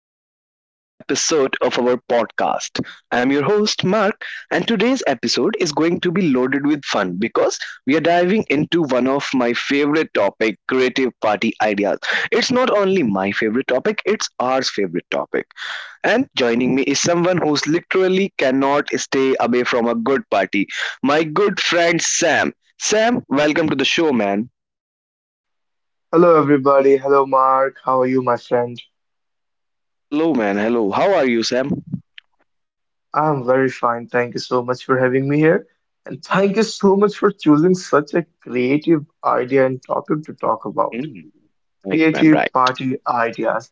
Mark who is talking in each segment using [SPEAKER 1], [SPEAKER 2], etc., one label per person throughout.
[SPEAKER 1] Welcome back to another episode of our podcast. I'm your host, Mark, and today's episode is going to be loaded with fun because we are diving into one of my favorite topic, creative party ideas. It's not only my favorite topic, it's our favorite topic. And joining me is someone who's literally cannot stay away from a good party, my good friend Sam. Sam, welcome to the show, man.
[SPEAKER 2] Hello, everybody. Hello, Mark. How are you, my friend?
[SPEAKER 1] Hello, man. Hello. How are you, Sam?
[SPEAKER 2] I'm very fine. Thank you so much for having me here. And thank you so much for choosing such a creative idea and topic to talk about.
[SPEAKER 1] Mm. Right, man.
[SPEAKER 2] Creative
[SPEAKER 1] Right.
[SPEAKER 2] party ideas.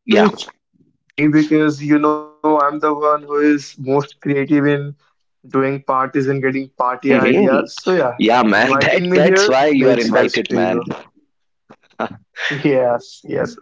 [SPEAKER 2] I know
[SPEAKER 1] Yeah.
[SPEAKER 2] you chose me because you know I'm the one who is most creative in doing parties and getting party
[SPEAKER 1] Hmm.
[SPEAKER 2] ideas. So, yeah,
[SPEAKER 1] Yeah, man. That
[SPEAKER 2] inviting me
[SPEAKER 1] that's
[SPEAKER 2] here
[SPEAKER 1] why you are
[SPEAKER 2] makes sense
[SPEAKER 1] invited,
[SPEAKER 2] to
[SPEAKER 1] man.
[SPEAKER 2] you. Yes, yes,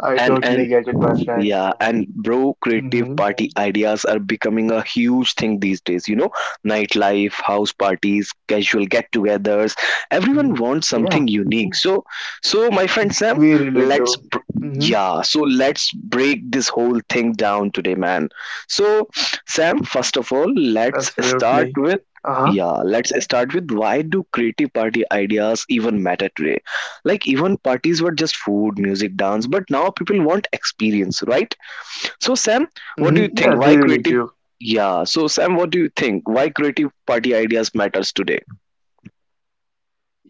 [SPEAKER 2] I
[SPEAKER 1] and
[SPEAKER 2] totally get it, my friend.
[SPEAKER 1] yeah, and bro, creative
[SPEAKER 2] Mm-hmm.
[SPEAKER 1] party ideas are becoming a huge thing these days. You know, nightlife, house parties, casual get-togethers. Everyone
[SPEAKER 2] hmm
[SPEAKER 1] wants something
[SPEAKER 2] Yeah,
[SPEAKER 1] unique. So, my friend Sam,
[SPEAKER 2] we
[SPEAKER 1] let's
[SPEAKER 2] really
[SPEAKER 1] br-
[SPEAKER 2] do. hmm
[SPEAKER 1] yeah, so let's break this whole thing down today, man. So, Sam, first of all, let's
[SPEAKER 2] Absolutely.
[SPEAKER 1] start with
[SPEAKER 2] Uh-huh.
[SPEAKER 1] yeah, let's start with why do creative party ideas even matter today? Like even parties were just food, music, dance, but now people want experience, right? So Sam, what do you
[SPEAKER 2] Yeah,
[SPEAKER 1] think?
[SPEAKER 2] they
[SPEAKER 1] Why
[SPEAKER 2] really
[SPEAKER 1] creative?
[SPEAKER 2] do.
[SPEAKER 1] Yeah. So Sam, what do you think? Why creative party ideas matters today?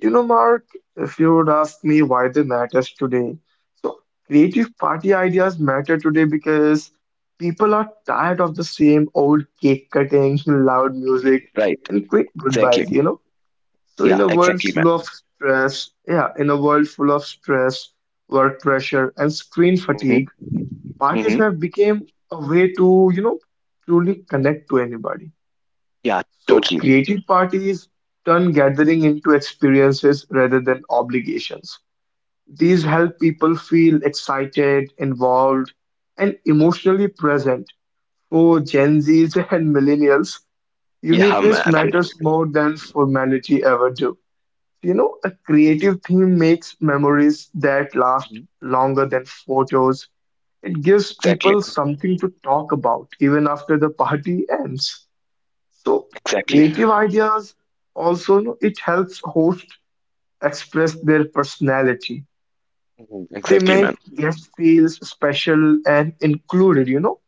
[SPEAKER 2] You know, Mark, if you would ask me why they matters today, so creative party ideas matter today because people are tired of the same old cake cutting, loud music,
[SPEAKER 1] Mhm. Right.
[SPEAKER 2] and quick
[SPEAKER 1] Exactly.
[SPEAKER 2] goodbyes, you know? So in
[SPEAKER 1] Yeah.
[SPEAKER 2] a world
[SPEAKER 1] Exactly, man.
[SPEAKER 2] full of stress, yeah, in a world full of stress, work pressure, and screen fatigue,
[SPEAKER 1] Mm-hmm.
[SPEAKER 2] parties
[SPEAKER 1] Mm-hmm.
[SPEAKER 2] have become a way to, you know, truly connect to anybody.
[SPEAKER 1] Yeah.
[SPEAKER 2] So
[SPEAKER 1] Totally.
[SPEAKER 2] creative parties turn gathering into experiences rather than obligations. These
[SPEAKER 1] Yeah.
[SPEAKER 2] help people feel excited, involved, and emotionally present. For Gen Zs and millennials,
[SPEAKER 1] Yeah,
[SPEAKER 2] uniqueness
[SPEAKER 1] man.
[SPEAKER 2] matters more than formality ever do. You know, a creative theme makes memories that
[SPEAKER 1] Hmm.
[SPEAKER 2] last longer than photos. It gives
[SPEAKER 1] Exactly.
[SPEAKER 2] people something to talk about even after the party ends. So
[SPEAKER 1] Exactly.
[SPEAKER 2] creative ideas also, you know, it helps hosts express their personality.
[SPEAKER 1] Mhm.
[SPEAKER 2] They
[SPEAKER 1] Exactly,
[SPEAKER 2] make
[SPEAKER 1] man.
[SPEAKER 2] guests feel special and included, you know.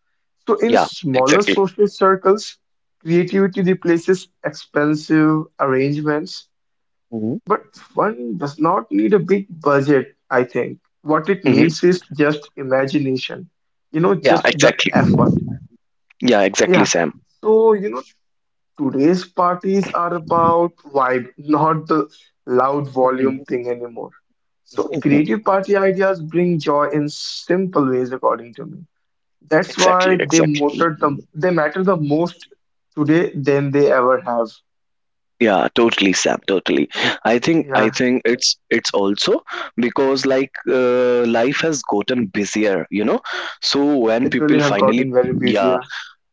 [SPEAKER 2] So in
[SPEAKER 1] Yeah.
[SPEAKER 2] smaller
[SPEAKER 1] Exactly.
[SPEAKER 2] social circles, creativity replaces expensive arrangements,
[SPEAKER 1] Hmm.
[SPEAKER 2] but fun does not need a big budget, I think. What it
[SPEAKER 1] Hmm.
[SPEAKER 2] needs is just imagination, you know,
[SPEAKER 1] Yeah.
[SPEAKER 2] just the
[SPEAKER 1] Exactly.
[SPEAKER 2] effort.
[SPEAKER 1] Yeah. Exactly,
[SPEAKER 2] Yeah.
[SPEAKER 1] Sam.
[SPEAKER 2] So, you know, today's parties are about vibe, not the loud volume
[SPEAKER 1] Mhm.
[SPEAKER 2] thing anymore. So,
[SPEAKER 1] Mhm.
[SPEAKER 2] creative party ideas bring joy in simple ways, according to me. That's
[SPEAKER 1] Exactly.
[SPEAKER 2] why
[SPEAKER 1] Exactly.
[SPEAKER 2] they matter the most today than they ever have.
[SPEAKER 1] Yeah, totally, Sam. Totally. I think I
[SPEAKER 2] Yeah,
[SPEAKER 1] think it's also because like life has gotten busier, So when
[SPEAKER 2] it really
[SPEAKER 1] people
[SPEAKER 2] have
[SPEAKER 1] finally,
[SPEAKER 2] gotten very busy.
[SPEAKER 1] yeah,
[SPEAKER 2] Yeah,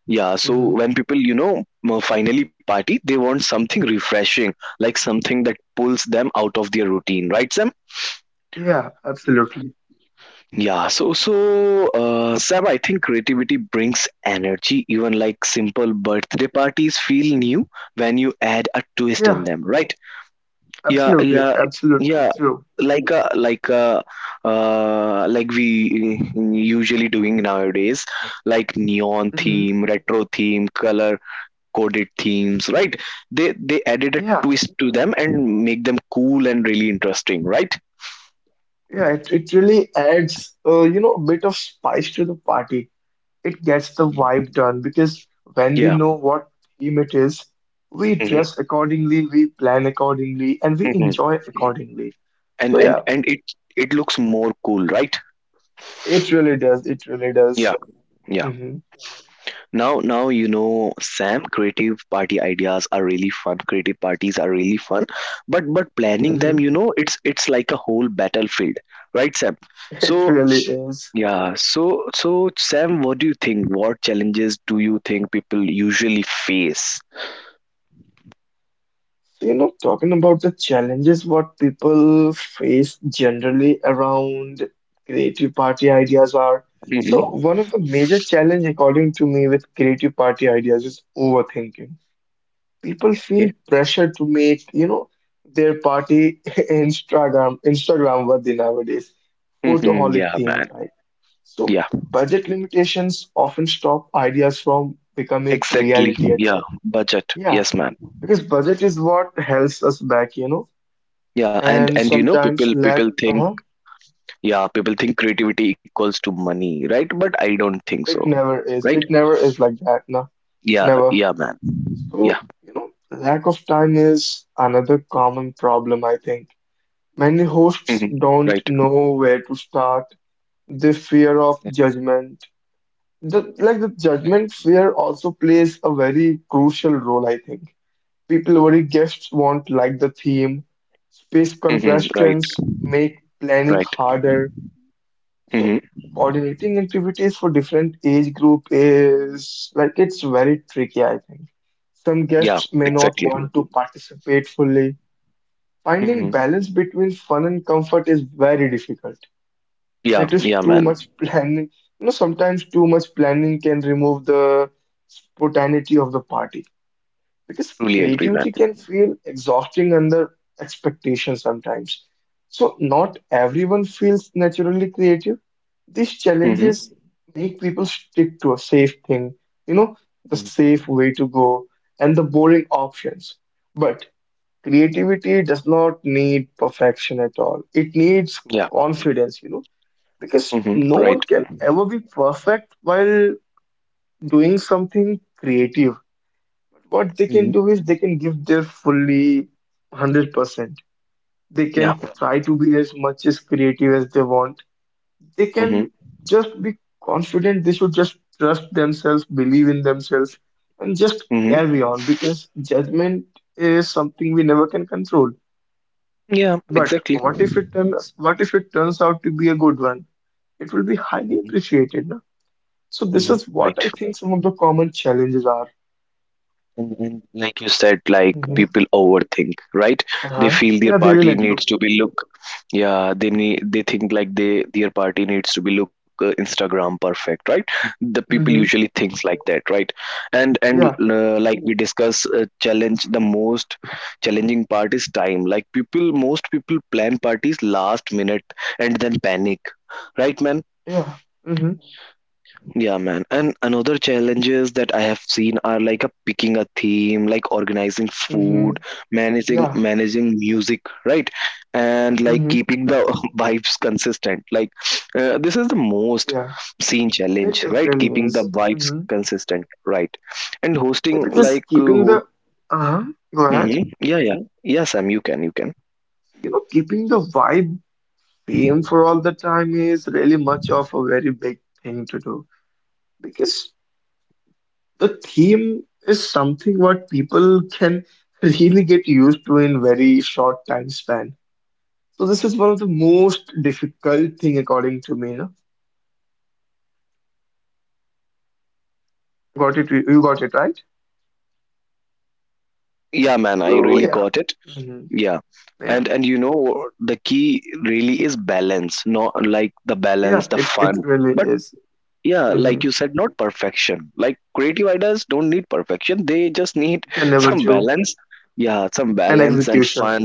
[SPEAKER 1] yeah. So
[SPEAKER 2] Mhm.
[SPEAKER 1] when people, finally party, they want something refreshing, like something that pulls them out of their routine, right, Sam?
[SPEAKER 2] Yeah, absolutely.
[SPEAKER 1] Yeah. So, Sam, I think creativity brings energy. Even like simple birthday parties feel new when you add a twist in
[SPEAKER 2] Yeah,
[SPEAKER 1] them, right? Yeah,
[SPEAKER 2] absolutely,
[SPEAKER 1] yeah,
[SPEAKER 2] absolutely
[SPEAKER 1] yeah,
[SPEAKER 2] true.
[SPEAKER 1] like a like a like we usually doing nowadays, like neon
[SPEAKER 2] hmm
[SPEAKER 1] theme, retro theme, color coded themes, right? They added a
[SPEAKER 2] Yeah,
[SPEAKER 1] twist to them and make them cool and really interesting, right?
[SPEAKER 2] yeah, it really adds, you know, a bit of spice to the party. It gets the
[SPEAKER 1] Yeah.
[SPEAKER 2] vibe done because when we
[SPEAKER 1] Yeah.
[SPEAKER 2] know what theme it is, we
[SPEAKER 1] Hmm.
[SPEAKER 2] dress accordingly, we plan accordingly, and we
[SPEAKER 1] Hmm.
[SPEAKER 2] enjoy accordingly.
[SPEAKER 1] And
[SPEAKER 2] So yeah,
[SPEAKER 1] and it looks more cool, right?
[SPEAKER 2] it really does. It really
[SPEAKER 1] Yeah.
[SPEAKER 2] does.
[SPEAKER 1] Yeah.
[SPEAKER 2] hmm
[SPEAKER 1] Now, Sam, creative party ideas are really fun. Creative parties are really fun, but planning them,
[SPEAKER 2] hmm
[SPEAKER 1] it's like a whole battlefield, right, Sam?
[SPEAKER 2] It
[SPEAKER 1] So,
[SPEAKER 2] really is.
[SPEAKER 1] yeah, so, Sam, what do you think? What challenges do you think people usually face?
[SPEAKER 2] So, you know, talking about the challenges what people face generally around creative party ideas are.
[SPEAKER 1] Mm-hmm.
[SPEAKER 2] So one of the major challenge according to me with creative party ideas is overthinking. People feel
[SPEAKER 1] Okay.
[SPEAKER 2] pressure to make, you know, their party Instagram worthy nowadays,
[SPEAKER 1] Mm-hmm.
[SPEAKER 2] photoholic
[SPEAKER 1] Yeah,
[SPEAKER 2] themed,
[SPEAKER 1] man.
[SPEAKER 2] right? So
[SPEAKER 1] Yeah,
[SPEAKER 2] budget limitations often stop ideas from becoming
[SPEAKER 1] exactly.
[SPEAKER 2] reality at
[SPEAKER 1] Yeah,
[SPEAKER 2] all.
[SPEAKER 1] budget.
[SPEAKER 2] Yeah,
[SPEAKER 1] Yes, man.
[SPEAKER 2] because budget is what helps us back, you know,
[SPEAKER 1] Yeah,
[SPEAKER 2] and
[SPEAKER 1] and you know, people
[SPEAKER 2] sometimes
[SPEAKER 1] people
[SPEAKER 2] lack,
[SPEAKER 1] think
[SPEAKER 2] uh-huh,
[SPEAKER 1] yeah, people think creativity equals to money, right? But I don't think
[SPEAKER 2] it
[SPEAKER 1] so,
[SPEAKER 2] never is.
[SPEAKER 1] right?
[SPEAKER 2] It never is like that, no,
[SPEAKER 1] Yeah,
[SPEAKER 2] never.
[SPEAKER 1] yeah, man. Yeah.
[SPEAKER 2] So, you know, lack of time is another common problem, I think. Many hosts
[SPEAKER 1] Mhm.
[SPEAKER 2] don't
[SPEAKER 1] Right.
[SPEAKER 2] know where to start. The fear of
[SPEAKER 1] Exactly.
[SPEAKER 2] judgment. The, like the judgment fear also plays a very crucial role, I think. People worry guests won't like the theme. Space
[SPEAKER 1] Exactly. Hmm. Right.
[SPEAKER 2] constraints make planning
[SPEAKER 1] Right.
[SPEAKER 2] harder. So
[SPEAKER 1] Hmm.
[SPEAKER 2] coordinating activities for different age group is like it's very tricky, I think. Some
[SPEAKER 1] Yeah.
[SPEAKER 2] guests may not
[SPEAKER 1] Exactly.
[SPEAKER 2] want to participate fully. Finding
[SPEAKER 1] Hmm.
[SPEAKER 2] balance between fun and comfort is very difficult.
[SPEAKER 1] Yeah.
[SPEAKER 2] It is
[SPEAKER 1] Yeah,
[SPEAKER 2] too
[SPEAKER 1] man.
[SPEAKER 2] much planning. You know, sometimes too much planning can remove the spontaneity of the party because
[SPEAKER 1] Truly agree, man.
[SPEAKER 2] creativity can feel exhausting under expectation sometimes. So, not everyone feels naturally creative. These
[SPEAKER 1] Hmm.
[SPEAKER 2] challenges make people stick to a safe thing, you know, the
[SPEAKER 1] Mhm.
[SPEAKER 2] safe way to go and the boring options. But creativity does not need perfection at all. It needs
[SPEAKER 1] Yeah.
[SPEAKER 2] confidence, you know, because
[SPEAKER 1] Hmm.
[SPEAKER 2] no one
[SPEAKER 1] Right.
[SPEAKER 2] can ever be perfect while doing something creative. What they can
[SPEAKER 1] Mhm.
[SPEAKER 2] do is they can give their fully 100%. They
[SPEAKER 1] Yeah.
[SPEAKER 2] can try to be as much as creative as they want. They
[SPEAKER 1] Hmm.
[SPEAKER 2] can just be confident. They should just trust themselves, believe in themselves, and just
[SPEAKER 1] Hmm.
[SPEAKER 2] carry on because judgment is something we never can control.
[SPEAKER 1] Yeah.
[SPEAKER 2] But
[SPEAKER 1] Exactly.
[SPEAKER 2] what if it turns out to be a good one? It will be highly
[SPEAKER 1] Mhm.
[SPEAKER 2] appreciated. No? So this
[SPEAKER 1] Mhm.
[SPEAKER 2] is what
[SPEAKER 1] Right.
[SPEAKER 2] I think some of the common challenges are.
[SPEAKER 1] And, like you said, like
[SPEAKER 2] Mm-hmm.
[SPEAKER 1] people overthink, right? They
[SPEAKER 2] Uh-huh.
[SPEAKER 1] feel their
[SPEAKER 2] Yeah, they
[SPEAKER 1] party
[SPEAKER 2] relate to.
[SPEAKER 1] needs to be look, yeah, they need, they think like they their party needs to be look, Instagram perfect, right? The people
[SPEAKER 2] Mm-hmm.
[SPEAKER 1] usually thinks like that, right? And and
[SPEAKER 2] Yeah,
[SPEAKER 1] uh, like we discuss, challenge, the most challenging part is time. Like people, most people plan parties last minute and then panic, right, man?
[SPEAKER 2] yeah. Mm-hmm.
[SPEAKER 1] Yeah, man. And another challenges that I have seen are like a picking a theme, like organizing
[SPEAKER 2] Mm-hmm.
[SPEAKER 1] food, managing
[SPEAKER 2] Yeah.
[SPEAKER 1] managing music, right? And like
[SPEAKER 2] Mm-hmm.
[SPEAKER 1] keeping the vibes consistent. Like, this is the most
[SPEAKER 2] Yeah.
[SPEAKER 1] seen
[SPEAKER 2] It
[SPEAKER 1] challenge,
[SPEAKER 2] it
[SPEAKER 1] right?
[SPEAKER 2] really
[SPEAKER 1] Keeping the
[SPEAKER 2] is.
[SPEAKER 1] vibes
[SPEAKER 2] Mm-hmm.
[SPEAKER 1] consistent, right? And
[SPEAKER 2] Yeah,
[SPEAKER 1] hosting
[SPEAKER 2] because
[SPEAKER 1] like
[SPEAKER 2] keeping the uh-huh. Go ahead.
[SPEAKER 1] Mhm. Yeah, yeah, yeah, Sam. You can, you can.
[SPEAKER 2] So, you know, keeping the vibe same for all the time is really much of a very big thing to do because the theme is something what people can really get used to in very short time span. So this is one of the most difficult thing according to me. No? Got it? You got it right.
[SPEAKER 1] Yeah, man. I
[SPEAKER 2] So
[SPEAKER 1] really
[SPEAKER 2] yeah,
[SPEAKER 1] got it.
[SPEAKER 2] hmm
[SPEAKER 1] Yeah.
[SPEAKER 2] yeah,
[SPEAKER 1] And you know the key really is balance, not like the balance
[SPEAKER 2] yeah.
[SPEAKER 1] the
[SPEAKER 2] It
[SPEAKER 1] fun,
[SPEAKER 2] really
[SPEAKER 1] but
[SPEAKER 2] is.
[SPEAKER 1] yeah,
[SPEAKER 2] hmm
[SPEAKER 1] like you said, not perfection, like creative ideas don't need perfection, they just need
[SPEAKER 2] They never
[SPEAKER 1] some
[SPEAKER 2] do
[SPEAKER 1] balance. Yeah, some
[SPEAKER 2] an
[SPEAKER 1] balance and
[SPEAKER 2] execution.
[SPEAKER 1] fun.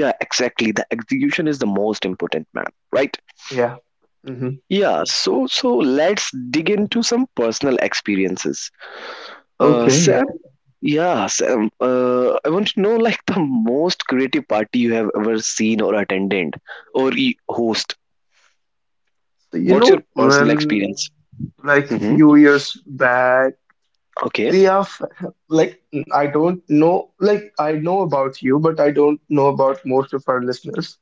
[SPEAKER 1] Yeah, exactly, the execution is the most important, man, right?
[SPEAKER 2] Yeah. hmm
[SPEAKER 1] Yeah. So let's dig into some personal experiences,
[SPEAKER 2] Okay.
[SPEAKER 1] Sam, yeah, Sam. I want to know like the most creative party you have ever seen or attended or host.
[SPEAKER 2] So you
[SPEAKER 1] What's your
[SPEAKER 2] know
[SPEAKER 1] personal
[SPEAKER 2] when
[SPEAKER 1] experience?
[SPEAKER 2] like
[SPEAKER 1] Mm-hmm.
[SPEAKER 2] few years back
[SPEAKER 1] Okay.
[SPEAKER 2] we are f- like, I don't know, like I know about you, but I don't know about most of our listeners.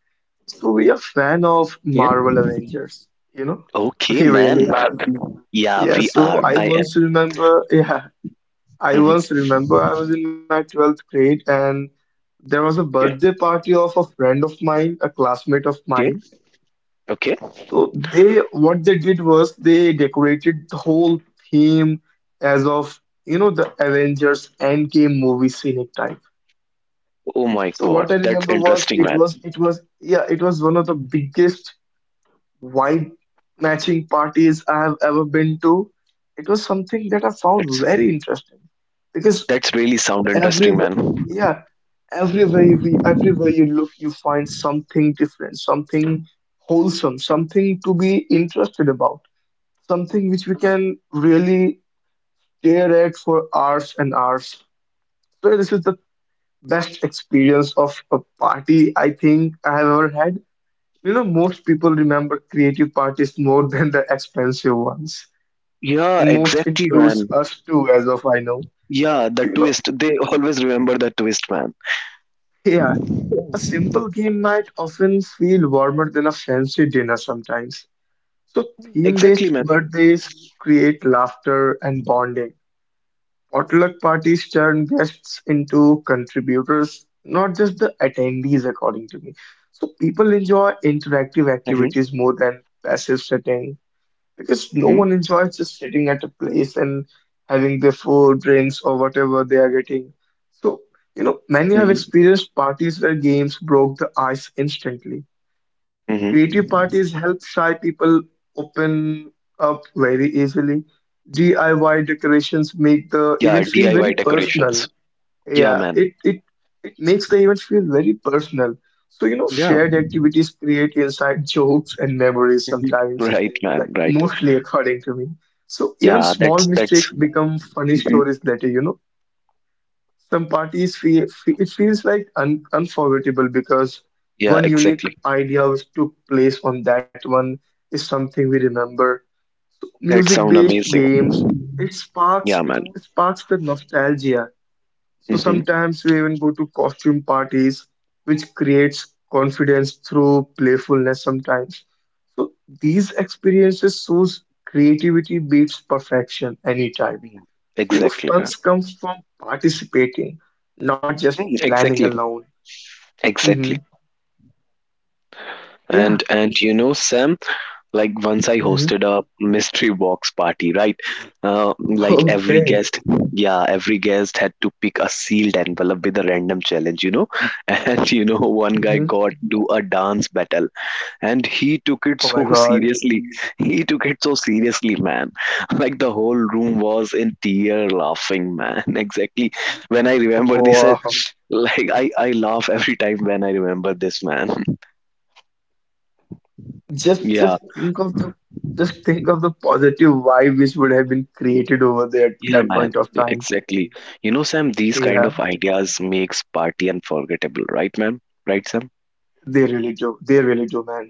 [SPEAKER 2] So we are fan of
[SPEAKER 1] Yeah.
[SPEAKER 2] Marvel Avengers. You know,
[SPEAKER 1] Okay,
[SPEAKER 2] we really
[SPEAKER 1] man.
[SPEAKER 2] are.
[SPEAKER 1] Yeah,
[SPEAKER 2] Yeah,
[SPEAKER 1] we
[SPEAKER 2] so
[SPEAKER 1] are.
[SPEAKER 2] I
[SPEAKER 1] I
[SPEAKER 2] once
[SPEAKER 1] am.
[SPEAKER 2] remember, yeah, I once
[SPEAKER 1] Mm-hmm.
[SPEAKER 2] remember I was in my 12th grade and there was a
[SPEAKER 1] Okay.
[SPEAKER 2] birthday party of a friend of mine, a classmate of
[SPEAKER 1] Okay.
[SPEAKER 2] mine.
[SPEAKER 1] Okay.
[SPEAKER 2] So they, what they did was they decorated the whole theme as of, you know, the Avengers Endgame movie scenic type.
[SPEAKER 1] Oh my God,
[SPEAKER 2] So
[SPEAKER 1] that's
[SPEAKER 2] what I
[SPEAKER 1] interesting,
[SPEAKER 2] remember
[SPEAKER 1] man.
[SPEAKER 2] was yeah, it was one of the biggest wide matching parties I have ever been to. It was something that I
[SPEAKER 1] That's
[SPEAKER 2] found very interesting
[SPEAKER 1] that's
[SPEAKER 2] because
[SPEAKER 1] really sound interesting,
[SPEAKER 2] every
[SPEAKER 1] man.
[SPEAKER 2] yeah, everywhere you look, you find something different, something wholesome, something to be interested about, something which we can really stare at for hours and hours. So this is the best experience of a party I think I have ever had. You know, most people remember creative parties more than the expensive ones,
[SPEAKER 1] Yeah,
[SPEAKER 2] and most
[SPEAKER 1] exactly,
[SPEAKER 2] includes
[SPEAKER 1] man.
[SPEAKER 2] us too, as of I know.
[SPEAKER 1] Yeah,
[SPEAKER 2] So,
[SPEAKER 1] the
[SPEAKER 2] you know,
[SPEAKER 1] twist. They always remember the twist, man.
[SPEAKER 2] yeah, a simple game night often feel warmer than a fancy dinner sometimes. So,
[SPEAKER 1] Exactly,
[SPEAKER 2] theme-based
[SPEAKER 1] man.
[SPEAKER 2] birthdays create laughter and bonding. Potluck parties turn guests into contributors, not just the attendees, according to me. So, people enjoy interactive
[SPEAKER 1] Mm-hmm.
[SPEAKER 2] activities more than passive sitting, because no
[SPEAKER 1] Mm-hmm.
[SPEAKER 2] one enjoys just sitting at a place and having their food, drinks, or whatever they are getting. So, you know, many have
[SPEAKER 1] Mm-hmm.
[SPEAKER 2] experienced parties where games broke the ice instantly. Creative parties
[SPEAKER 1] Mm-hmm.
[SPEAKER 2] help shy people open up very easily. DIY decorations make the
[SPEAKER 1] Yeah,
[SPEAKER 2] event feel very
[SPEAKER 1] DIY
[SPEAKER 2] personal.
[SPEAKER 1] decorations. Yeah,
[SPEAKER 2] Yeah,
[SPEAKER 1] man.
[SPEAKER 2] it makes the event feel very personal. So, you know,
[SPEAKER 1] Yeah.
[SPEAKER 2] shared activities create inside jokes and memories
[SPEAKER 1] Mhm.
[SPEAKER 2] sometimes,
[SPEAKER 1] Right,
[SPEAKER 2] like
[SPEAKER 1] man. Right.
[SPEAKER 2] mostly according to me. So even
[SPEAKER 1] Yeah,
[SPEAKER 2] small
[SPEAKER 1] that's that's.
[SPEAKER 2] mistakes become funny
[SPEAKER 1] Mhm.
[SPEAKER 2] stories later, you know. Some parties feel fe- It feels like un unforgettable because
[SPEAKER 1] Yeah,
[SPEAKER 2] one unique
[SPEAKER 1] exactly.
[SPEAKER 2] idea which took place on that one is something we remember.
[SPEAKER 1] That sound
[SPEAKER 2] Music-based
[SPEAKER 1] amazing.
[SPEAKER 2] games,
[SPEAKER 1] Yeah,
[SPEAKER 2] it
[SPEAKER 1] man.
[SPEAKER 2] sparks the nostalgia. So
[SPEAKER 1] Mm-hmm.
[SPEAKER 2] sometimes we even go to costume parties, which creates confidence through playfulness sometimes. So these experiences shows creativity beats perfection anytime. So you know,
[SPEAKER 1] Exactly,
[SPEAKER 2] funs
[SPEAKER 1] man.
[SPEAKER 2] comes from participating, not just
[SPEAKER 1] Mm.
[SPEAKER 2] planning
[SPEAKER 1] Exactly.
[SPEAKER 2] alone. hmm
[SPEAKER 1] Exactly.
[SPEAKER 2] Yeah.
[SPEAKER 1] And you know, Sam, like once I
[SPEAKER 2] hmm
[SPEAKER 1] hosted a mystery box party, right? uh, like,
[SPEAKER 2] Okay.
[SPEAKER 1] every guest had to pick a sealed envelope with a random challenge. And one guy
[SPEAKER 2] hmm
[SPEAKER 1] got to a dance battle, and he took it
[SPEAKER 2] Oh my
[SPEAKER 1] so
[SPEAKER 2] God.
[SPEAKER 1] seriously. He took it so seriously, man. Like the whole room was in tear laughing, man. Exactly, when I remember this.
[SPEAKER 2] Wow.
[SPEAKER 1] Like I laugh every time when I remember this, man.
[SPEAKER 2] Just
[SPEAKER 1] Yeah.
[SPEAKER 2] just think of the positive vibe which would have been created over there at
[SPEAKER 1] Yeah,
[SPEAKER 2] that
[SPEAKER 1] man.
[SPEAKER 2] point of
[SPEAKER 1] Yeah,
[SPEAKER 2] time.
[SPEAKER 1] exactly. You know, Sam, these kind
[SPEAKER 2] Yeah.
[SPEAKER 1] of ideas makes party unforgettable, right, man? Right, Sam?
[SPEAKER 2] They really do. They really do, man.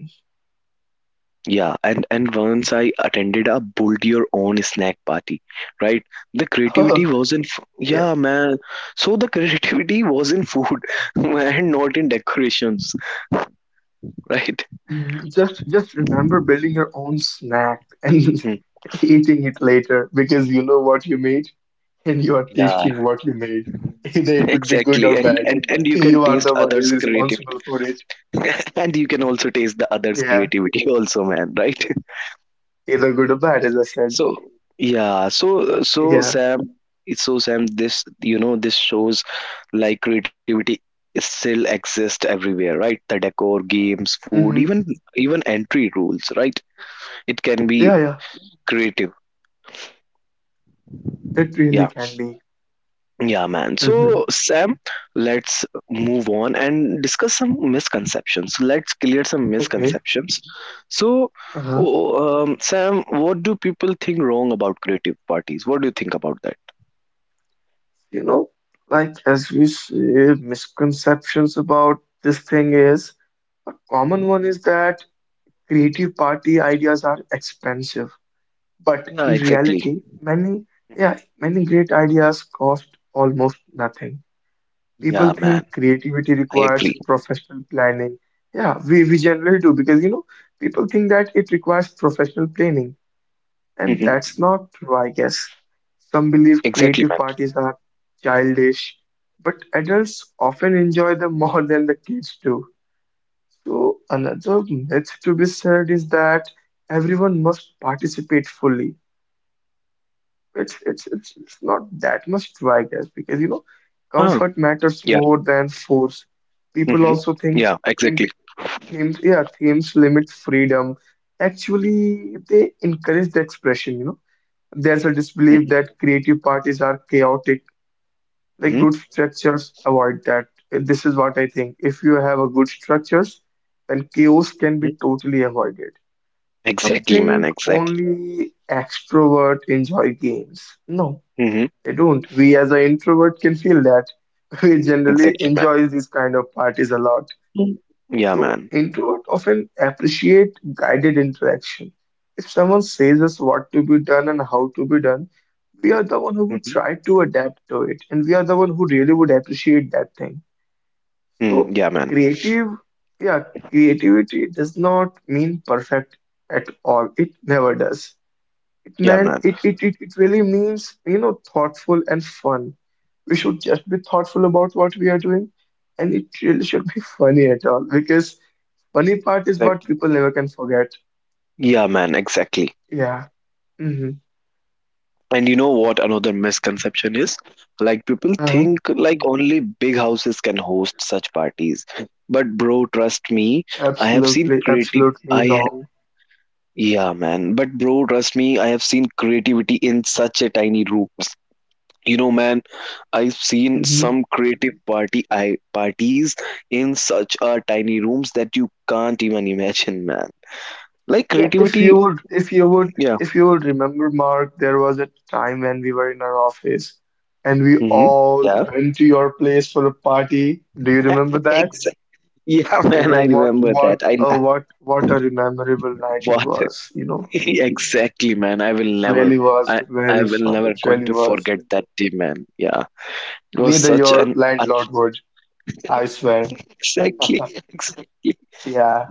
[SPEAKER 1] Yeah, and once
[SPEAKER 2] Mhm.
[SPEAKER 1] I attended a build your own snack party, right? The
[SPEAKER 2] Oh,
[SPEAKER 1] creativity was in,
[SPEAKER 2] yeah.
[SPEAKER 1] yeah, man. So the creativity was in food and not in decorations, right?
[SPEAKER 2] Mm, just remember building your own snack and
[SPEAKER 1] Hmm.
[SPEAKER 2] eating it later because you know what you made and you are
[SPEAKER 1] Yeah,
[SPEAKER 2] tasting what you made. Either it would be good
[SPEAKER 1] exactly.
[SPEAKER 2] or bad.
[SPEAKER 1] And you can
[SPEAKER 2] You are
[SPEAKER 1] taste
[SPEAKER 2] the one who
[SPEAKER 1] others'
[SPEAKER 2] is
[SPEAKER 1] creativity,
[SPEAKER 2] responsible for it.
[SPEAKER 1] and you can also taste the others'
[SPEAKER 2] Yeah,
[SPEAKER 1] creativity also, man, right?
[SPEAKER 2] either good or bad, as I said.
[SPEAKER 1] So, yeah,
[SPEAKER 2] Yeah.
[SPEAKER 1] So Sam, this you know this shows like creativity still exists everywhere, right? The decor, games, food,
[SPEAKER 2] hmm
[SPEAKER 1] even entry rules, right? It can be
[SPEAKER 2] Yeah, yeah.
[SPEAKER 1] creative.
[SPEAKER 2] It really
[SPEAKER 1] Yeah,
[SPEAKER 2] can be.
[SPEAKER 1] yeah, man.
[SPEAKER 2] hmm
[SPEAKER 1] So Sam, let's move on and discuss some misconceptions. Let's clear some
[SPEAKER 2] Okay.
[SPEAKER 1] misconceptions. So,
[SPEAKER 2] Uh-huh.
[SPEAKER 1] oh, Sam, what do people think wrong about creative parties? What do you think about that?
[SPEAKER 2] You know, like as we say, misconceptions about this thing is. A common
[SPEAKER 1] Mhm.
[SPEAKER 2] one is that creative party ideas are expensive, but
[SPEAKER 1] Yeah,
[SPEAKER 2] in
[SPEAKER 1] exactly.
[SPEAKER 2] reality, many yeah, many great ideas cost almost nothing. People
[SPEAKER 1] Yeah, man.
[SPEAKER 2] think creativity
[SPEAKER 1] I
[SPEAKER 2] requires
[SPEAKER 1] agree.
[SPEAKER 2] professional planning. Yeah, we generally do because you know people think that it requires professional planning, and
[SPEAKER 1] Hmm.
[SPEAKER 2] that's not true, I guess. Some believe
[SPEAKER 1] Exactly, man.
[SPEAKER 2] creative parties are childish, but adults often enjoy them more than the kids do. So another myth to be said is that everyone must participate fully. It's not that much true, I guess, because you know,
[SPEAKER 1] Huh.
[SPEAKER 2] comfort
[SPEAKER 1] Yeah.
[SPEAKER 2] matters more than force.
[SPEAKER 1] Hmm.
[SPEAKER 2] People also
[SPEAKER 1] Yeah,
[SPEAKER 2] think
[SPEAKER 1] exactly.
[SPEAKER 2] theme, themes yeah themes limit freedom. Actually, they encourage the expression. You know, there's a
[SPEAKER 1] Mm-hmm.
[SPEAKER 2] disbelief that creative parties are chaotic. Like
[SPEAKER 1] Hmm.
[SPEAKER 2] good structures avoid that. This is what I think. If you have a good structures, then chaos can be totally avoided. Some
[SPEAKER 1] Exactly, man.
[SPEAKER 2] think
[SPEAKER 1] Exactly.
[SPEAKER 2] only extrovert enjoy games. No,
[SPEAKER 1] Hmm.
[SPEAKER 2] they don't. We as an introvert can feel that. We generally
[SPEAKER 1] Exactly, man.
[SPEAKER 2] enjoy these kind of parties a lot.
[SPEAKER 1] Mm. Yeah,
[SPEAKER 2] So
[SPEAKER 1] man.
[SPEAKER 2] introvert often appreciate guided interaction. If someone says us what to be done and how to be done, we are the one who would
[SPEAKER 1] Hmm.
[SPEAKER 2] try to adapt to it, and we are the one who really would appreciate that thing.
[SPEAKER 1] Mm,
[SPEAKER 2] So
[SPEAKER 1] yeah, man.
[SPEAKER 2] creative, yeah, creativity does not mean perfect at all. It never does. It
[SPEAKER 1] Yeah,
[SPEAKER 2] man,
[SPEAKER 1] man.
[SPEAKER 2] it really means, thoughtful and fun. We should just be thoughtful about what we are doing, and it really should be funny at all because funny part is what
[SPEAKER 1] Exactly.
[SPEAKER 2] people never can forget.
[SPEAKER 1] Yeah, man. Exactly.
[SPEAKER 2] Yeah. Mm-hmm.
[SPEAKER 1] And you know what another misconception is? Like people
[SPEAKER 2] Uh-huh.
[SPEAKER 1] think like only big houses can host such parties. But bro, trust me, I have seen
[SPEAKER 2] Absolutely,
[SPEAKER 1] creative.
[SPEAKER 2] absolutely
[SPEAKER 1] I
[SPEAKER 2] wrong.
[SPEAKER 1] Yeah, man. But bro, trust me, I have seen creativity in such a tiny room. You know, man, I've seen
[SPEAKER 2] Mm-hmm.
[SPEAKER 1] some creative party I parties in such a tiny rooms that you can't even imagine, man. Like
[SPEAKER 2] Yeah, if you
[SPEAKER 1] creativity,
[SPEAKER 2] would, if you would,
[SPEAKER 1] yeah.
[SPEAKER 2] if you would remember, Mark, there was a time when we were in our office and we
[SPEAKER 1] Hmm.
[SPEAKER 2] all
[SPEAKER 1] Yeah.
[SPEAKER 2] went to your place for a party. Do you remember that?
[SPEAKER 1] Exactly. Yeah, man, I
[SPEAKER 2] Wh- What
[SPEAKER 1] remember that.
[SPEAKER 2] what
[SPEAKER 1] I
[SPEAKER 2] a what what a memorable night it
[SPEAKER 1] what
[SPEAKER 2] was, you know.
[SPEAKER 1] exactly, man. I will
[SPEAKER 2] It
[SPEAKER 1] never.
[SPEAKER 2] really was
[SPEAKER 1] I I
[SPEAKER 2] very
[SPEAKER 1] will
[SPEAKER 2] fun.
[SPEAKER 1] never
[SPEAKER 2] It
[SPEAKER 1] going
[SPEAKER 2] really
[SPEAKER 1] to
[SPEAKER 2] was.
[SPEAKER 1] forget that day, man. Yeah. It was
[SPEAKER 2] Neither
[SPEAKER 1] such
[SPEAKER 2] your
[SPEAKER 1] an
[SPEAKER 2] landlord would, I swear.
[SPEAKER 1] exactly. Exactly.
[SPEAKER 2] Yeah.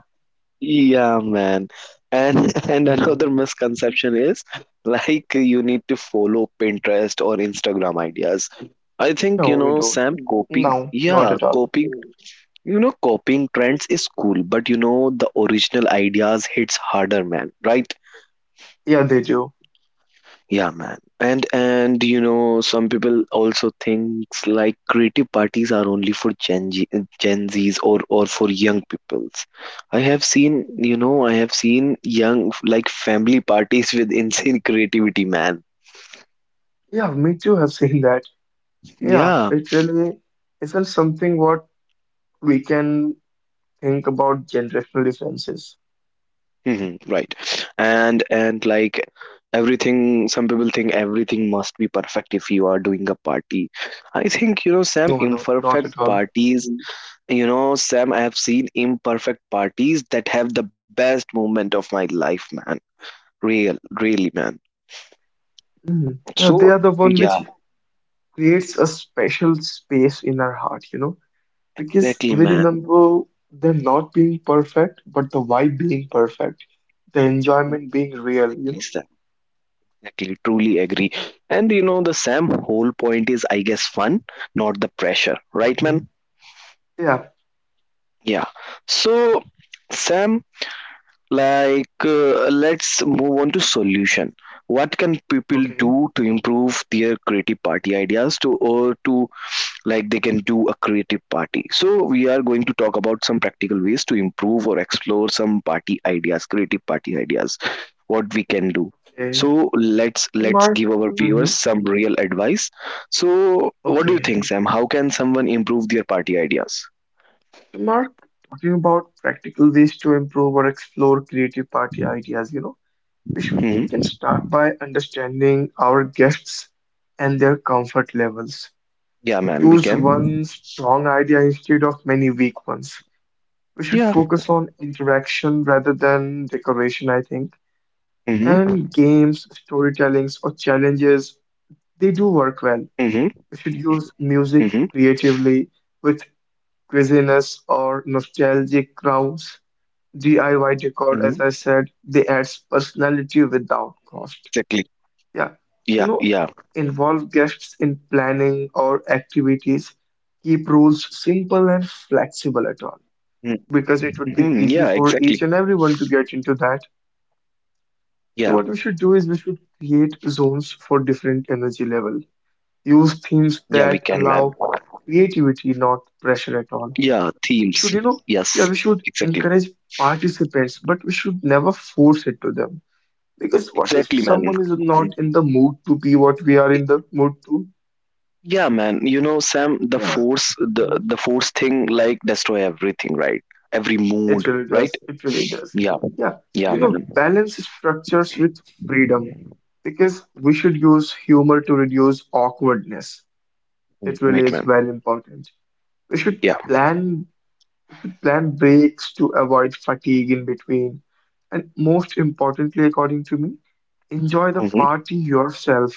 [SPEAKER 1] Yeah, man. And and
[SPEAKER 2] hmm
[SPEAKER 1] another misconception is like you need to follow Pinterest or Instagram ideas. I think, you
[SPEAKER 2] No, we
[SPEAKER 1] know,
[SPEAKER 2] don't.
[SPEAKER 1] Sam, copying,
[SPEAKER 2] No, not
[SPEAKER 1] yeah,
[SPEAKER 2] at all.
[SPEAKER 1] copying, you know, copying trends is cool, but the original ideas hits harder, man, right?
[SPEAKER 2] Yeah, they do.
[SPEAKER 1] Yeah, man. And you know, some people also thinks like creative parties are only for Gen Z, Gen Zs or for young peoples. I have seen, I have seen young like family parties with insane creativity, man.
[SPEAKER 2] Yeah, me too have seen that. Yeah,
[SPEAKER 1] Yeah,
[SPEAKER 2] it really isn't something what we can think about generational differences.
[SPEAKER 1] hmm, right. And like everything, some people think everything must be perfect if you are doing a party. I think, Sam,
[SPEAKER 2] No, no,
[SPEAKER 1] imperfect
[SPEAKER 2] not at all.
[SPEAKER 1] parties you know sam I have seen imperfect parties that have the best moment of my life, man. real Really, man.
[SPEAKER 2] Mhm. Yeah, they
[SPEAKER 1] So,
[SPEAKER 2] are the one
[SPEAKER 1] yeah,
[SPEAKER 2] which creates a special space in our heart, you know. Because
[SPEAKER 1] exactly,
[SPEAKER 2] we
[SPEAKER 1] man.
[SPEAKER 2] remember them not being perfect, but the vibe being perfect, the enjoyment
[SPEAKER 1] Exactly.
[SPEAKER 2] being real, you
[SPEAKER 1] Exactly,
[SPEAKER 2] know?
[SPEAKER 1] Sam. Exactly, truly agree. And the, Sam, whole point is, I guess, fun, not the pressure, right, man?
[SPEAKER 2] Hmm. Yeah,
[SPEAKER 1] Yeah. So, Sam, like, let's move on to solution. What can people
[SPEAKER 2] okay,
[SPEAKER 1] do to improve their creative party ideas to or to like they can do a creative party? So, we are going to talk about some practical ways to improve or explore some party ideas, creative party ideas, what we can do.
[SPEAKER 2] okay.
[SPEAKER 1] So let's
[SPEAKER 2] So,
[SPEAKER 1] let's
[SPEAKER 2] Mark.
[SPEAKER 1] give our
[SPEAKER 2] Hmm.
[SPEAKER 1] viewers some real advice. So what do you
[SPEAKER 2] Okay.
[SPEAKER 1] think, Sam? How can someone improve their party ideas?
[SPEAKER 2] So Mark, talking about practical ways to improve or explore creative party ideas,
[SPEAKER 1] Hmm.
[SPEAKER 2] we can start by understanding our guests and their comfort levels.
[SPEAKER 1] Yeah, man, we
[SPEAKER 2] Choose
[SPEAKER 1] can.
[SPEAKER 2] one strong idea instead of many weak ones. We should
[SPEAKER 1] Yeah.
[SPEAKER 2] focus on interaction rather than decoration, I think.
[SPEAKER 1] Mm-hmm.
[SPEAKER 2] And games, storytellings, or challenges, they do
[SPEAKER 1] Mm-hmm.
[SPEAKER 2] work well. We should
[SPEAKER 1] Mm-hmm.
[SPEAKER 2] use music creatively with quizziness or nostalgic crowds.
[SPEAKER 1] Mm-hmm.
[SPEAKER 2] DIY decor, as I said, they adds personality
[SPEAKER 1] Exactly.
[SPEAKER 2] without cost.
[SPEAKER 1] Yeah. Yeah.
[SPEAKER 2] Yeah, you know, involve guests in planning or activities. Keep rules simple and flexible
[SPEAKER 1] Mm.
[SPEAKER 2] at all.
[SPEAKER 1] Mm-hmm.
[SPEAKER 2] Because
[SPEAKER 1] Yeah.
[SPEAKER 2] it would be
[SPEAKER 1] Exactly.
[SPEAKER 2] easy for each and everyone to get into that.
[SPEAKER 1] Yeah.
[SPEAKER 2] So what we should do is we should create zones for different energy level. Use
[SPEAKER 1] Yeah, we
[SPEAKER 2] themes
[SPEAKER 1] can, man.
[SPEAKER 2] that allow creativity, not pressure at
[SPEAKER 1] Yeah.
[SPEAKER 2] all.
[SPEAKER 1] Themes.
[SPEAKER 2] We should, you
[SPEAKER 1] Yes.
[SPEAKER 2] know, yeah, We
[SPEAKER 1] Exactly.
[SPEAKER 2] should encourage participants, but we should never force it to them. Because what
[SPEAKER 1] Exactly,
[SPEAKER 2] if
[SPEAKER 1] man.
[SPEAKER 2] someone is
[SPEAKER 1] Mhm.
[SPEAKER 2] not in the mood to be what we are in the mood to?
[SPEAKER 1] Yeah, man. You know, Sam, the
[SPEAKER 2] Yeah.
[SPEAKER 1] force, the
[SPEAKER 2] Mm-hmm.
[SPEAKER 1] force thing, like destroy everything, right? Every mood,
[SPEAKER 2] It really
[SPEAKER 1] right?
[SPEAKER 2] does. It really does.
[SPEAKER 1] Yeah.
[SPEAKER 2] Yeah.
[SPEAKER 1] Yeah,
[SPEAKER 2] So,
[SPEAKER 1] man.
[SPEAKER 2] balance structures with freedom because we should use humor to reduce awkwardness.
[SPEAKER 1] Mm.
[SPEAKER 2] It really
[SPEAKER 1] Right,
[SPEAKER 2] is
[SPEAKER 1] man.
[SPEAKER 2] very important. We should
[SPEAKER 1] Yeah.
[SPEAKER 2] plan plan breaks to avoid fatigue in between. And most importantly, according to me, enjoy the
[SPEAKER 1] Mm-hmm.
[SPEAKER 2] party yourself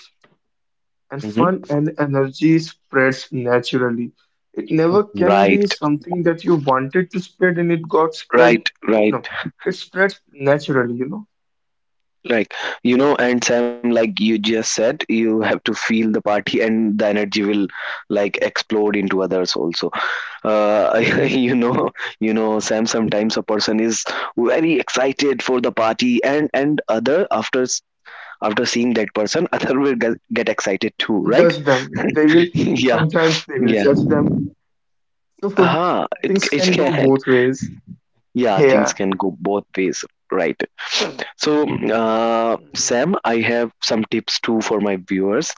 [SPEAKER 2] and fun
[SPEAKER 1] Mm-hmm.
[SPEAKER 2] and energy spreads naturally. It never can be
[SPEAKER 1] Right.
[SPEAKER 2] something that you wanted to spread and it got spread.
[SPEAKER 1] Right. Right.
[SPEAKER 2] No, it spreads naturally, you know.
[SPEAKER 1] Like, and Sam, like you just said, you have to feel the party and the energy will like explode into others also. Uh,
[SPEAKER 2] Hmm.
[SPEAKER 1] you know, you know, Sam, sometimes a person is very excited for the party, and other after after seeing that person, other will get excited too, right?
[SPEAKER 2] Judge them. They will,
[SPEAKER 1] Yeah,
[SPEAKER 2] sometimes they will
[SPEAKER 1] yeah.
[SPEAKER 2] judge them. So
[SPEAKER 1] Ah, it
[SPEAKER 2] things
[SPEAKER 1] it
[SPEAKER 2] can go
[SPEAKER 1] can,
[SPEAKER 2] both ways.
[SPEAKER 1] yeah, things
[SPEAKER 2] Yeah.
[SPEAKER 1] can go both ways, right? So
[SPEAKER 2] Mhm.
[SPEAKER 1] Sam, I have some tips too for my viewers.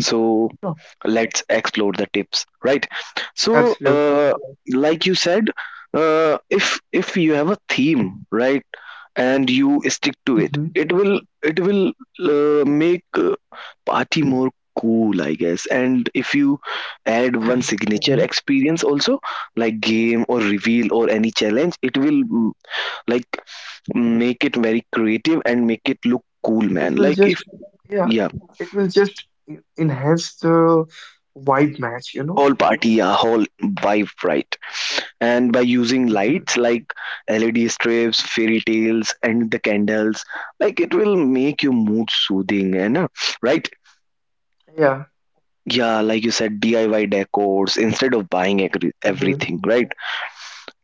[SPEAKER 1] So
[SPEAKER 2] No,
[SPEAKER 1] let's explore the tips, right? so
[SPEAKER 2] absolutely.
[SPEAKER 1] uh, like you said, if you have a theme, right, and you stick to
[SPEAKER 2] hmm
[SPEAKER 1] it, it will make party more cool, I guess. And if you add one signature
[SPEAKER 2] hmm
[SPEAKER 1] experience also, like game or reveal or any challenge, it will, like, make it very creative and make it look cool,
[SPEAKER 2] It will
[SPEAKER 1] man. Like
[SPEAKER 2] just,
[SPEAKER 1] if
[SPEAKER 2] yeah,
[SPEAKER 1] yeah,
[SPEAKER 2] it will just enhance the vibe match, you know.
[SPEAKER 1] whole party, yeah, whole vibe, right. And by using
[SPEAKER 2] Hmm.
[SPEAKER 1] lights like LED strips, fairy tales and the candles, like it will make your mood soothing and right.
[SPEAKER 2] Yeah.
[SPEAKER 1] Yeah, like you said, DIY decors instead of buying
[SPEAKER 2] Mm-hmm.
[SPEAKER 1] everything, right.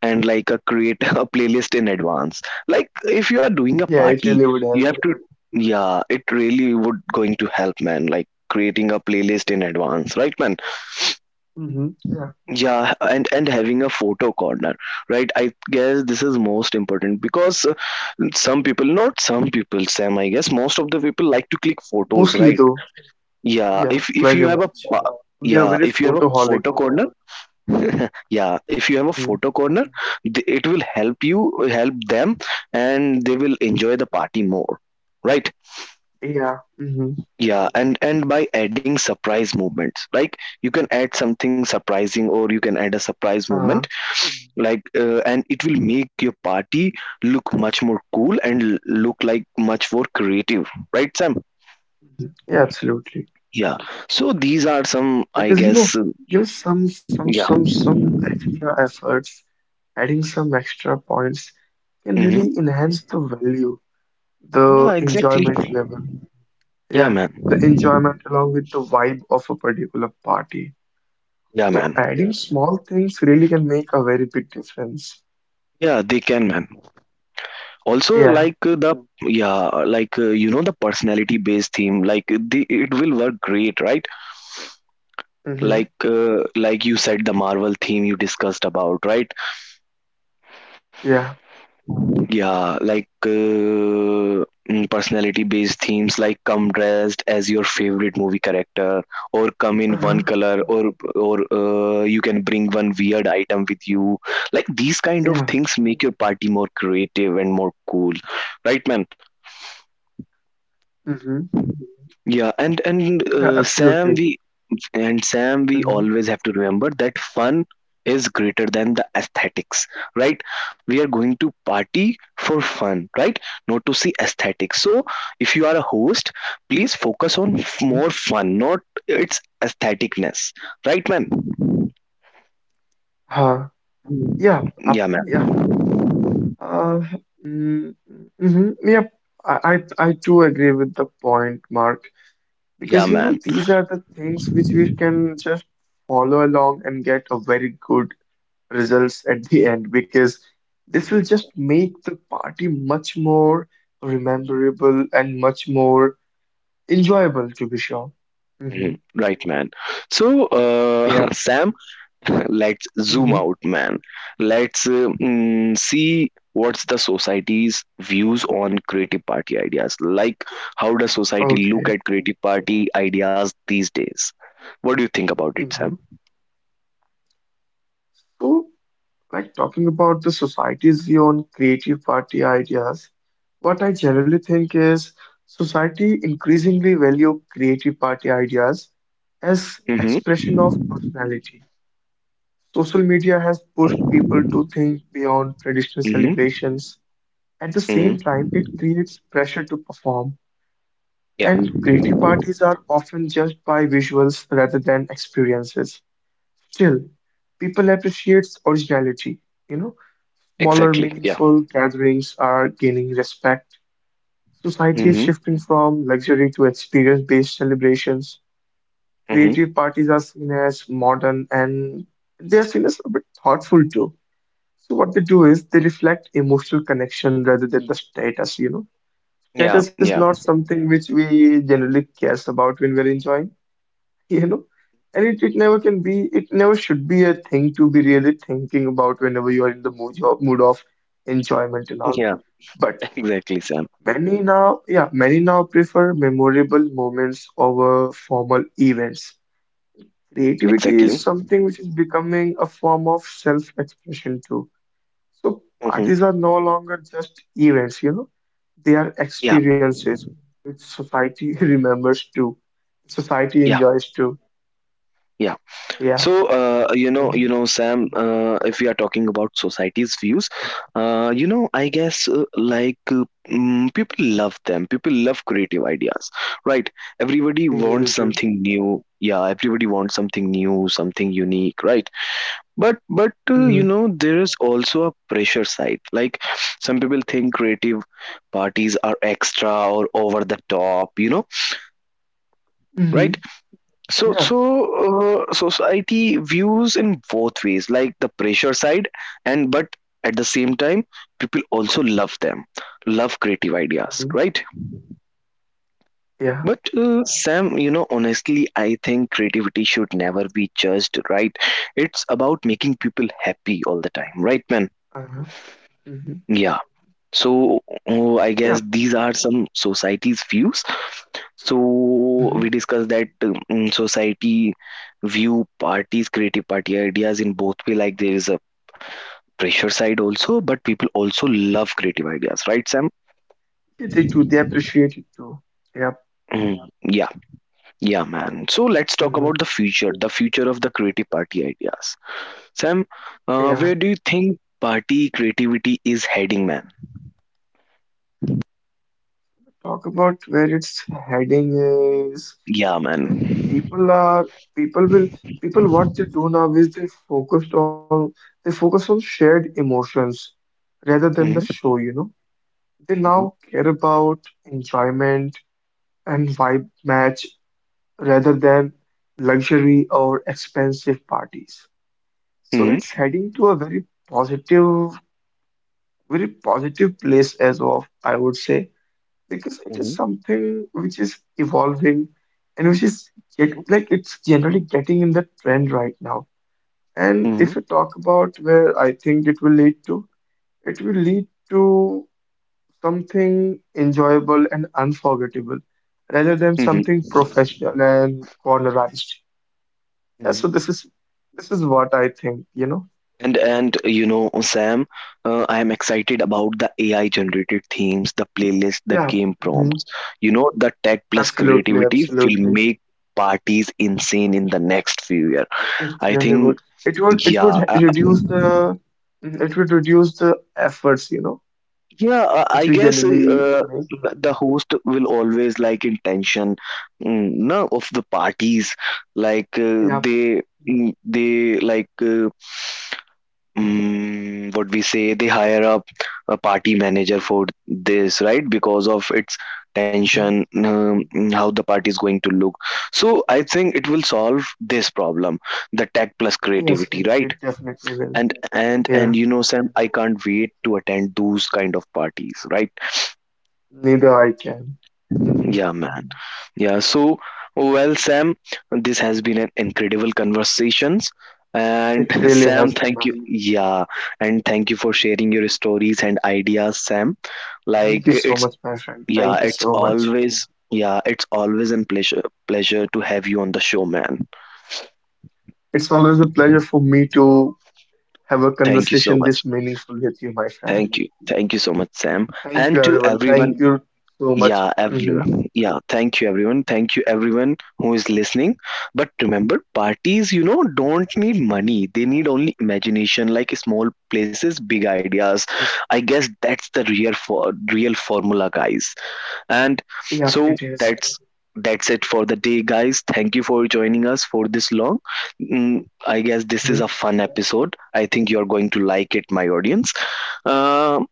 [SPEAKER 1] And like a, create a playlist in advance, like if you are doing a
[SPEAKER 2] Yeah, it
[SPEAKER 1] party
[SPEAKER 2] really would
[SPEAKER 1] you
[SPEAKER 2] help.
[SPEAKER 1] have to, yeah, it really would going to help, man, like creating a playlist in advance, right man.
[SPEAKER 2] Hmm. Yeah,
[SPEAKER 1] Yeah, and having a photo corner, right. I guess this is most important because some people not some people, Sam, I guess most of the people like to click photos,
[SPEAKER 2] mostly
[SPEAKER 1] right?
[SPEAKER 2] though.
[SPEAKER 1] Yeah,
[SPEAKER 2] Yeah,
[SPEAKER 1] if you
[SPEAKER 2] very
[SPEAKER 1] have a
[SPEAKER 2] much. They are
[SPEAKER 1] yeah,
[SPEAKER 2] very
[SPEAKER 1] if you have a
[SPEAKER 2] photoholic.
[SPEAKER 1] photo corner, yeah, if you have a
[SPEAKER 2] Hmm.
[SPEAKER 1] photo corner, it will help you, help them, and they will enjoy the party more, right.
[SPEAKER 2] Yeah.
[SPEAKER 1] Yeah, and by adding surprise movements, like, you can add something surprising or you can add a surprise movement,
[SPEAKER 2] Uh,
[SPEAKER 1] like, and it will make your party look much more cool, look like much more creative, right Sam.
[SPEAKER 2] yeah, absolutely.
[SPEAKER 1] Yeah, so these are some, I
[SPEAKER 2] Because
[SPEAKER 1] guess,
[SPEAKER 2] give some some
[SPEAKER 1] yeah.
[SPEAKER 2] some some extra efforts, adding some extra points can really
[SPEAKER 1] Hmm,
[SPEAKER 2] enhance the value, the
[SPEAKER 1] yeah, exactly.
[SPEAKER 2] enjoyment level.
[SPEAKER 1] Yeah,
[SPEAKER 2] Yeah,
[SPEAKER 1] man.
[SPEAKER 2] the enjoyment along with the vibe of a particular party.
[SPEAKER 1] Yeah,
[SPEAKER 2] So
[SPEAKER 1] man.
[SPEAKER 2] adding small things really can make a very big difference.
[SPEAKER 1] Yeah, they can, man. Also,
[SPEAKER 2] Yeah.
[SPEAKER 1] like, the, mm, yeah, like, you know, the personality based theme, like the, it will work great, right.
[SPEAKER 2] Mm-hmm.
[SPEAKER 1] Like, like you said, the Marvel theme you discussed about, right.
[SPEAKER 2] Yeah.
[SPEAKER 1] Yeah, like, personality based themes like come dressed as your favorite movie character, or come in one
[SPEAKER 2] Uh-huh.
[SPEAKER 1] color, mm, or you can bring one weird item with you, like these kind of
[SPEAKER 2] Yeah.
[SPEAKER 1] things make, mm, your party more creative and more cool, right man.
[SPEAKER 2] Hmm.
[SPEAKER 1] Yeah, and and
[SPEAKER 2] Yeah,
[SPEAKER 1] uh, Sam,
[SPEAKER 2] absolutely.
[SPEAKER 1] we, and Sam, we
[SPEAKER 2] Mm-hmm.
[SPEAKER 1] always have to remember that fun is greater than the aesthetics, right? We are going to party for fun, right? Not to see aesthetics. So, if you are a host, please focus on more fun, not its aestheticness, right, man?
[SPEAKER 2] Uh, yeah. Up.
[SPEAKER 1] Yeah, man.
[SPEAKER 2] Yeah. Uh, mm, mm-hmm. Yep. I, I too agree with the point, Mark,
[SPEAKER 1] Yeah,
[SPEAKER 2] because you know
[SPEAKER 1] man.
[SPEAKER 2] these are the things which we can just follow along and get a very good results at the end because this will just make the party much more rememberable and much more enjoyable to be sure. Mm-hmm.
[SPEAKER 1] Mhm. Right, man. So,
[SPEAKER 2] Yeah.
[SPEAKER 1] Sam. let's zoom
[SPEAKER 2] Mm-hmm.
[SPEAKER 1] out, man. Let's, see what's the society's views on creative party ideas, like how does society look
[SPEAKER 2] Okay.
[SPEAKER 1] at creative party ideas these days, what do you think about it
[SPEAKER 2] Mm-hmm.
[SPEAKER 1] Sam?
[SPEAKER 2] So, like talking about the society's view on creative party ideas, what I generally think is society increasingly value creative party ideas as
[SPEAKER 1] Mm-hmm.
[SPEAKER 2] expression of personality. Social media has pushed people to think beyond traditional
[SPEAKER 1] Mm-hmm.
[SPEAKER 2] celebrations. At the same
[SPEAKER 1] Mm-hmm.
[SPEAKER 2] time, it creates pressure to perform,
[SPEAKER 1] Yeah,
[SPEAKER 2] and creative parties are often judged by visuals rather than experiences. Still, people appreciate originality. You know, smaller,
[SPEAKER 1] exactly. Yeah.
[SPEAKER 2] meaningful gatherings are gaining respect. Society is
[SPEAKER 1] Mm-hmm.
[SPEAKER 2] shifting from luxury to experience-based celebrations.
[SPEAKER 1] Mm-hmm.
[SPEAKER 2] Creative parties are seen as modern and they are seen as a bit thoughtful too. So what they do is they reflect emotional connection rather than the status, you know.
[SPEAKER 1] Yeah.
[SPEAKER 2] Status is not
[SPEAKER 1] Yeah.
[SPEAKER 2] something which we generally cares about when we're enjoying, you know. And it never can be, it never should be a thing to be really thinking about whenever you are in the mood of enjoyment and all.
[SPEAKER 1] Yeah.
[SPEAKER 2] But
[SPEAKER 1] exactly, Sam.
[SPEAKER 2] Many now prefer memorable moments over formal events. Creativity is
[SPEAKER 1] Exactly.
[SPEAKER 2] something which is becoming a form of self-expression too. So
[SPEAKER 1] Mm-hmm.
[SPEAKER 2] parties are no longer just events, you know, they are
[SPEAKER 1] Yeah.
[SPEAKER 2] experiences which society remembers too. Society
[SPEAKER 1] Yeah.
[SPEAKER 2] enjoys too.
[SPEAKER 1] Yeah.
[SPEAKER 2] Yeah,
[SPEAKER 1] So you know,
[SPEAKER 2] mhm,
[SPEAKER 1] Sam. If we are talking about society's views, you know, I guess, people love them. People love creative ideas, right? Everybody
[SPEAKER 2] they really
[SPEAKER 1] wants
[SPEAKER 2] do.
[SPEAKER 1] something new. Yeah, everybody wants something new, something unique, right? But you
[SPEAKER 2] Hmm.
[SPEAKER 1] know, there is also a pressure side. Like some people think creative parties are extra or over the top. You know,
[SPEAKER 2] Hmm.
[SPEAKER 1] right? So,
[SPEAKER 2] Yeah.
[SPEAKER 1] so uh, society views in both ways, like the pressure side, and but at the same time, people also love them, love creative ideas,
[SPEAKER 2] Hmm.
[SPEAKER 1] right?
[SPEAKER 2] Yeah.
[SPEAKER 1] But Sam, you know, honestly, I think creativity should never be judged, right? It's about making people happy all the time, right, man?
[SPEAKER 2] Uh-huh. Hmm.
[SPEAKER 1] Yeah. So, I
[SPEAKER 2] Yeah.
[SPEAKER 1] guess these are some society's views. So
[SPEAKER 2] Hmm.
[SPEAKER 1] we discussed that, society view parties, creative party ideas in both way. Like there is a pressure side also, but people also love creative ideas, right, Sam?
[SPEAKER 2] Yeah, they do. They appreciate it too. Yep.
[SPEAKER 1] Mm. Yeah. Yeah, yeah, man. So let's talk
[SPEAKER 2] Hmm.
[SPEAKER 1] about the future of the creative party ideas. Sam, where
[SPEAKER 2] Yeah.
[SPEAKER 1] do you think party creativity is heading, man?
[SPEAKER 2] talk about where it's heading is
[SPEAKER 1] Yeah,
[SPEAKER 2] eh, people
[SPEAKER 1] man.
[SPEAKER 2] are people will people what they do now is they focused on they focus on shared emotions rather than the
[SPEAKER 1] Mm-hmm.
[SPEAKER 2] show, you know. They now
[SPEAKER 1] Mm-hmm.
[SPEAKER 2] care about enjoyment and vibe match rather than luxury or expensive parties.
[SPEAKER 1] Mm-hmm.
[SPEAKER 2] So it's heading to a positive, very positive place as of I would say. Because it is something which is evolving and which is like it's generally getting in the trend right now. And
[SPEAKER 1] Mm-hmm.
[SPEAKER 2] if you talk about where I think it will lead to, it will lead to something enjoyable and unforgettable rather than
[SPEAKER 1] Mm-hmm.
[SPEAKER 2] something professional and cornerized. Yeah, so this is what I think, you know?
[SPEAKER 1] And you know, Sam, I am excited about the AI generated themes, the playlist, the
[SPEAKER 2] Yeah.
[SPEAKER 1] game
[SPEAKER 2] hmm
[SPEAKER 1] prompts. You know, the tech plus
[SPEAKER 2] Absolutely,
[SPEAKER 1] creativity will
[SPEAKER 2] absolutely.
[SPEAKER 1] make parties insane in the next few years. I
[SPEAKER 2] It really
[SPEAKER 1] think,
[SPEAKER 2] would. It would it
[SPEAKER 1] yeah,
[SPEAKER 2] would reduce the it would reduce the efforts, you know,
[SPEAKER 1] yeah. I
[SPEAKER 2] which we
[SPEAKER 1] guess,
[SPEAKER 2] generally make.
[SPEAKER 1] the host will always like intention, mm, no, of the parties. Like,
[SPEAKER 2] Yeah.
[SPEAKER 1] they, mm, they like. What we say, they hire up a party manager for this, right? Because of its
[SPEAKER 2] Mhm.
[SPEAKER 1] tension, how the party is going to look. So I think it will solve this problem, the tech plus
[SPEAKER 2] Yes,
[SPEAKER 1] creativity, right?
[SPEAKER 2] it definitely will.
[SPEAKER 1] And and
[SPEAKER 2] Yeah.
[SPEAKER 1] and you know, Sam, I can't wait to attend those kind of parties, right?
[SPEAKER 2] Neither I can. Hmm.
[SPEAKER 1] Yeah, man. Yeah, so, well, Sam, this has been an incredible conversations. And
[SPEAKER 2] It really
[SPEAKER 1] Sam,
[SPEAKER 2] has been,
[SPEAKER 1] thank
[SPEAKER 2] my
[SPEAKER 1] you.
[SPEAKER 2] friend.
[SPEAKER 1] Yeah, and thank you for sharing your stories and ideas, Sam.
[SPEAKER 2] Thank
[SPEAKER 1] Like
[SPEAKER 2] you so
[SPEAKER 1] it's
[SPEAKER 2] much, my friend.
[SPEAKER 1] yeah,
[SPEAKER 2] Thank you
[SPEAKER 1] it's
[SPEAKER 2] so much.
[SPEAKER 1] always, yeah, it's always a pleasure to have you on the show, man.
[SPEAKER 2] It's always a pleasure for me to have a
[SPEAKER 1] Thank you so
[SPEAKER 2] conversation
[SPEAKER 1] much.
[SPEAKER 2] this meaningful with you, my friend.
[SPEAKER 1] Thank you. Thank you so much, Sam.
[SPEAKER 2] Thank
[SPEAKER 1] And
[SPEAKER 2] you,
[SPEAKER 1] to
[SPEAKER 2] everyone.
[SPEAKER 1] everyone,
[SPEAKER 2] Thank you so much.
[SPEAKER 1] yeah,
[SPEAKER 2] Mm-hmm.
[SPEAKER 1] everyone. Yeah, thank you, everyone. Thank you, everyone who is listening. But remember, parties, you know, don't need money. They need only imagination, like small places, big ideas. I guess that's the real for real formula, guys. And
[SPEAKER 2] Yep,
[SPEAKER 1] so
[SPEAKER 2] it is.
[SPEAKER 1] that's it for the day, guys. Thank you for joining us for this long. Mm, I guess this is a
[SPEAKER 2] Mhm.
[SPEAKER 1] fun episode. I think you're going to like it, my audience. Um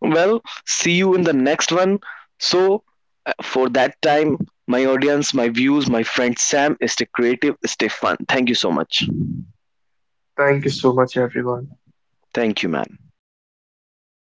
[SPEAKER 1] well, see you in the next one. So, for that time, my audience, my views, my friend Sam, stay creative, stay fun. Thank you so much.
[SPEAKER 2] Thank you so much, everyone.
[SPEAKER 1] Thank you, man.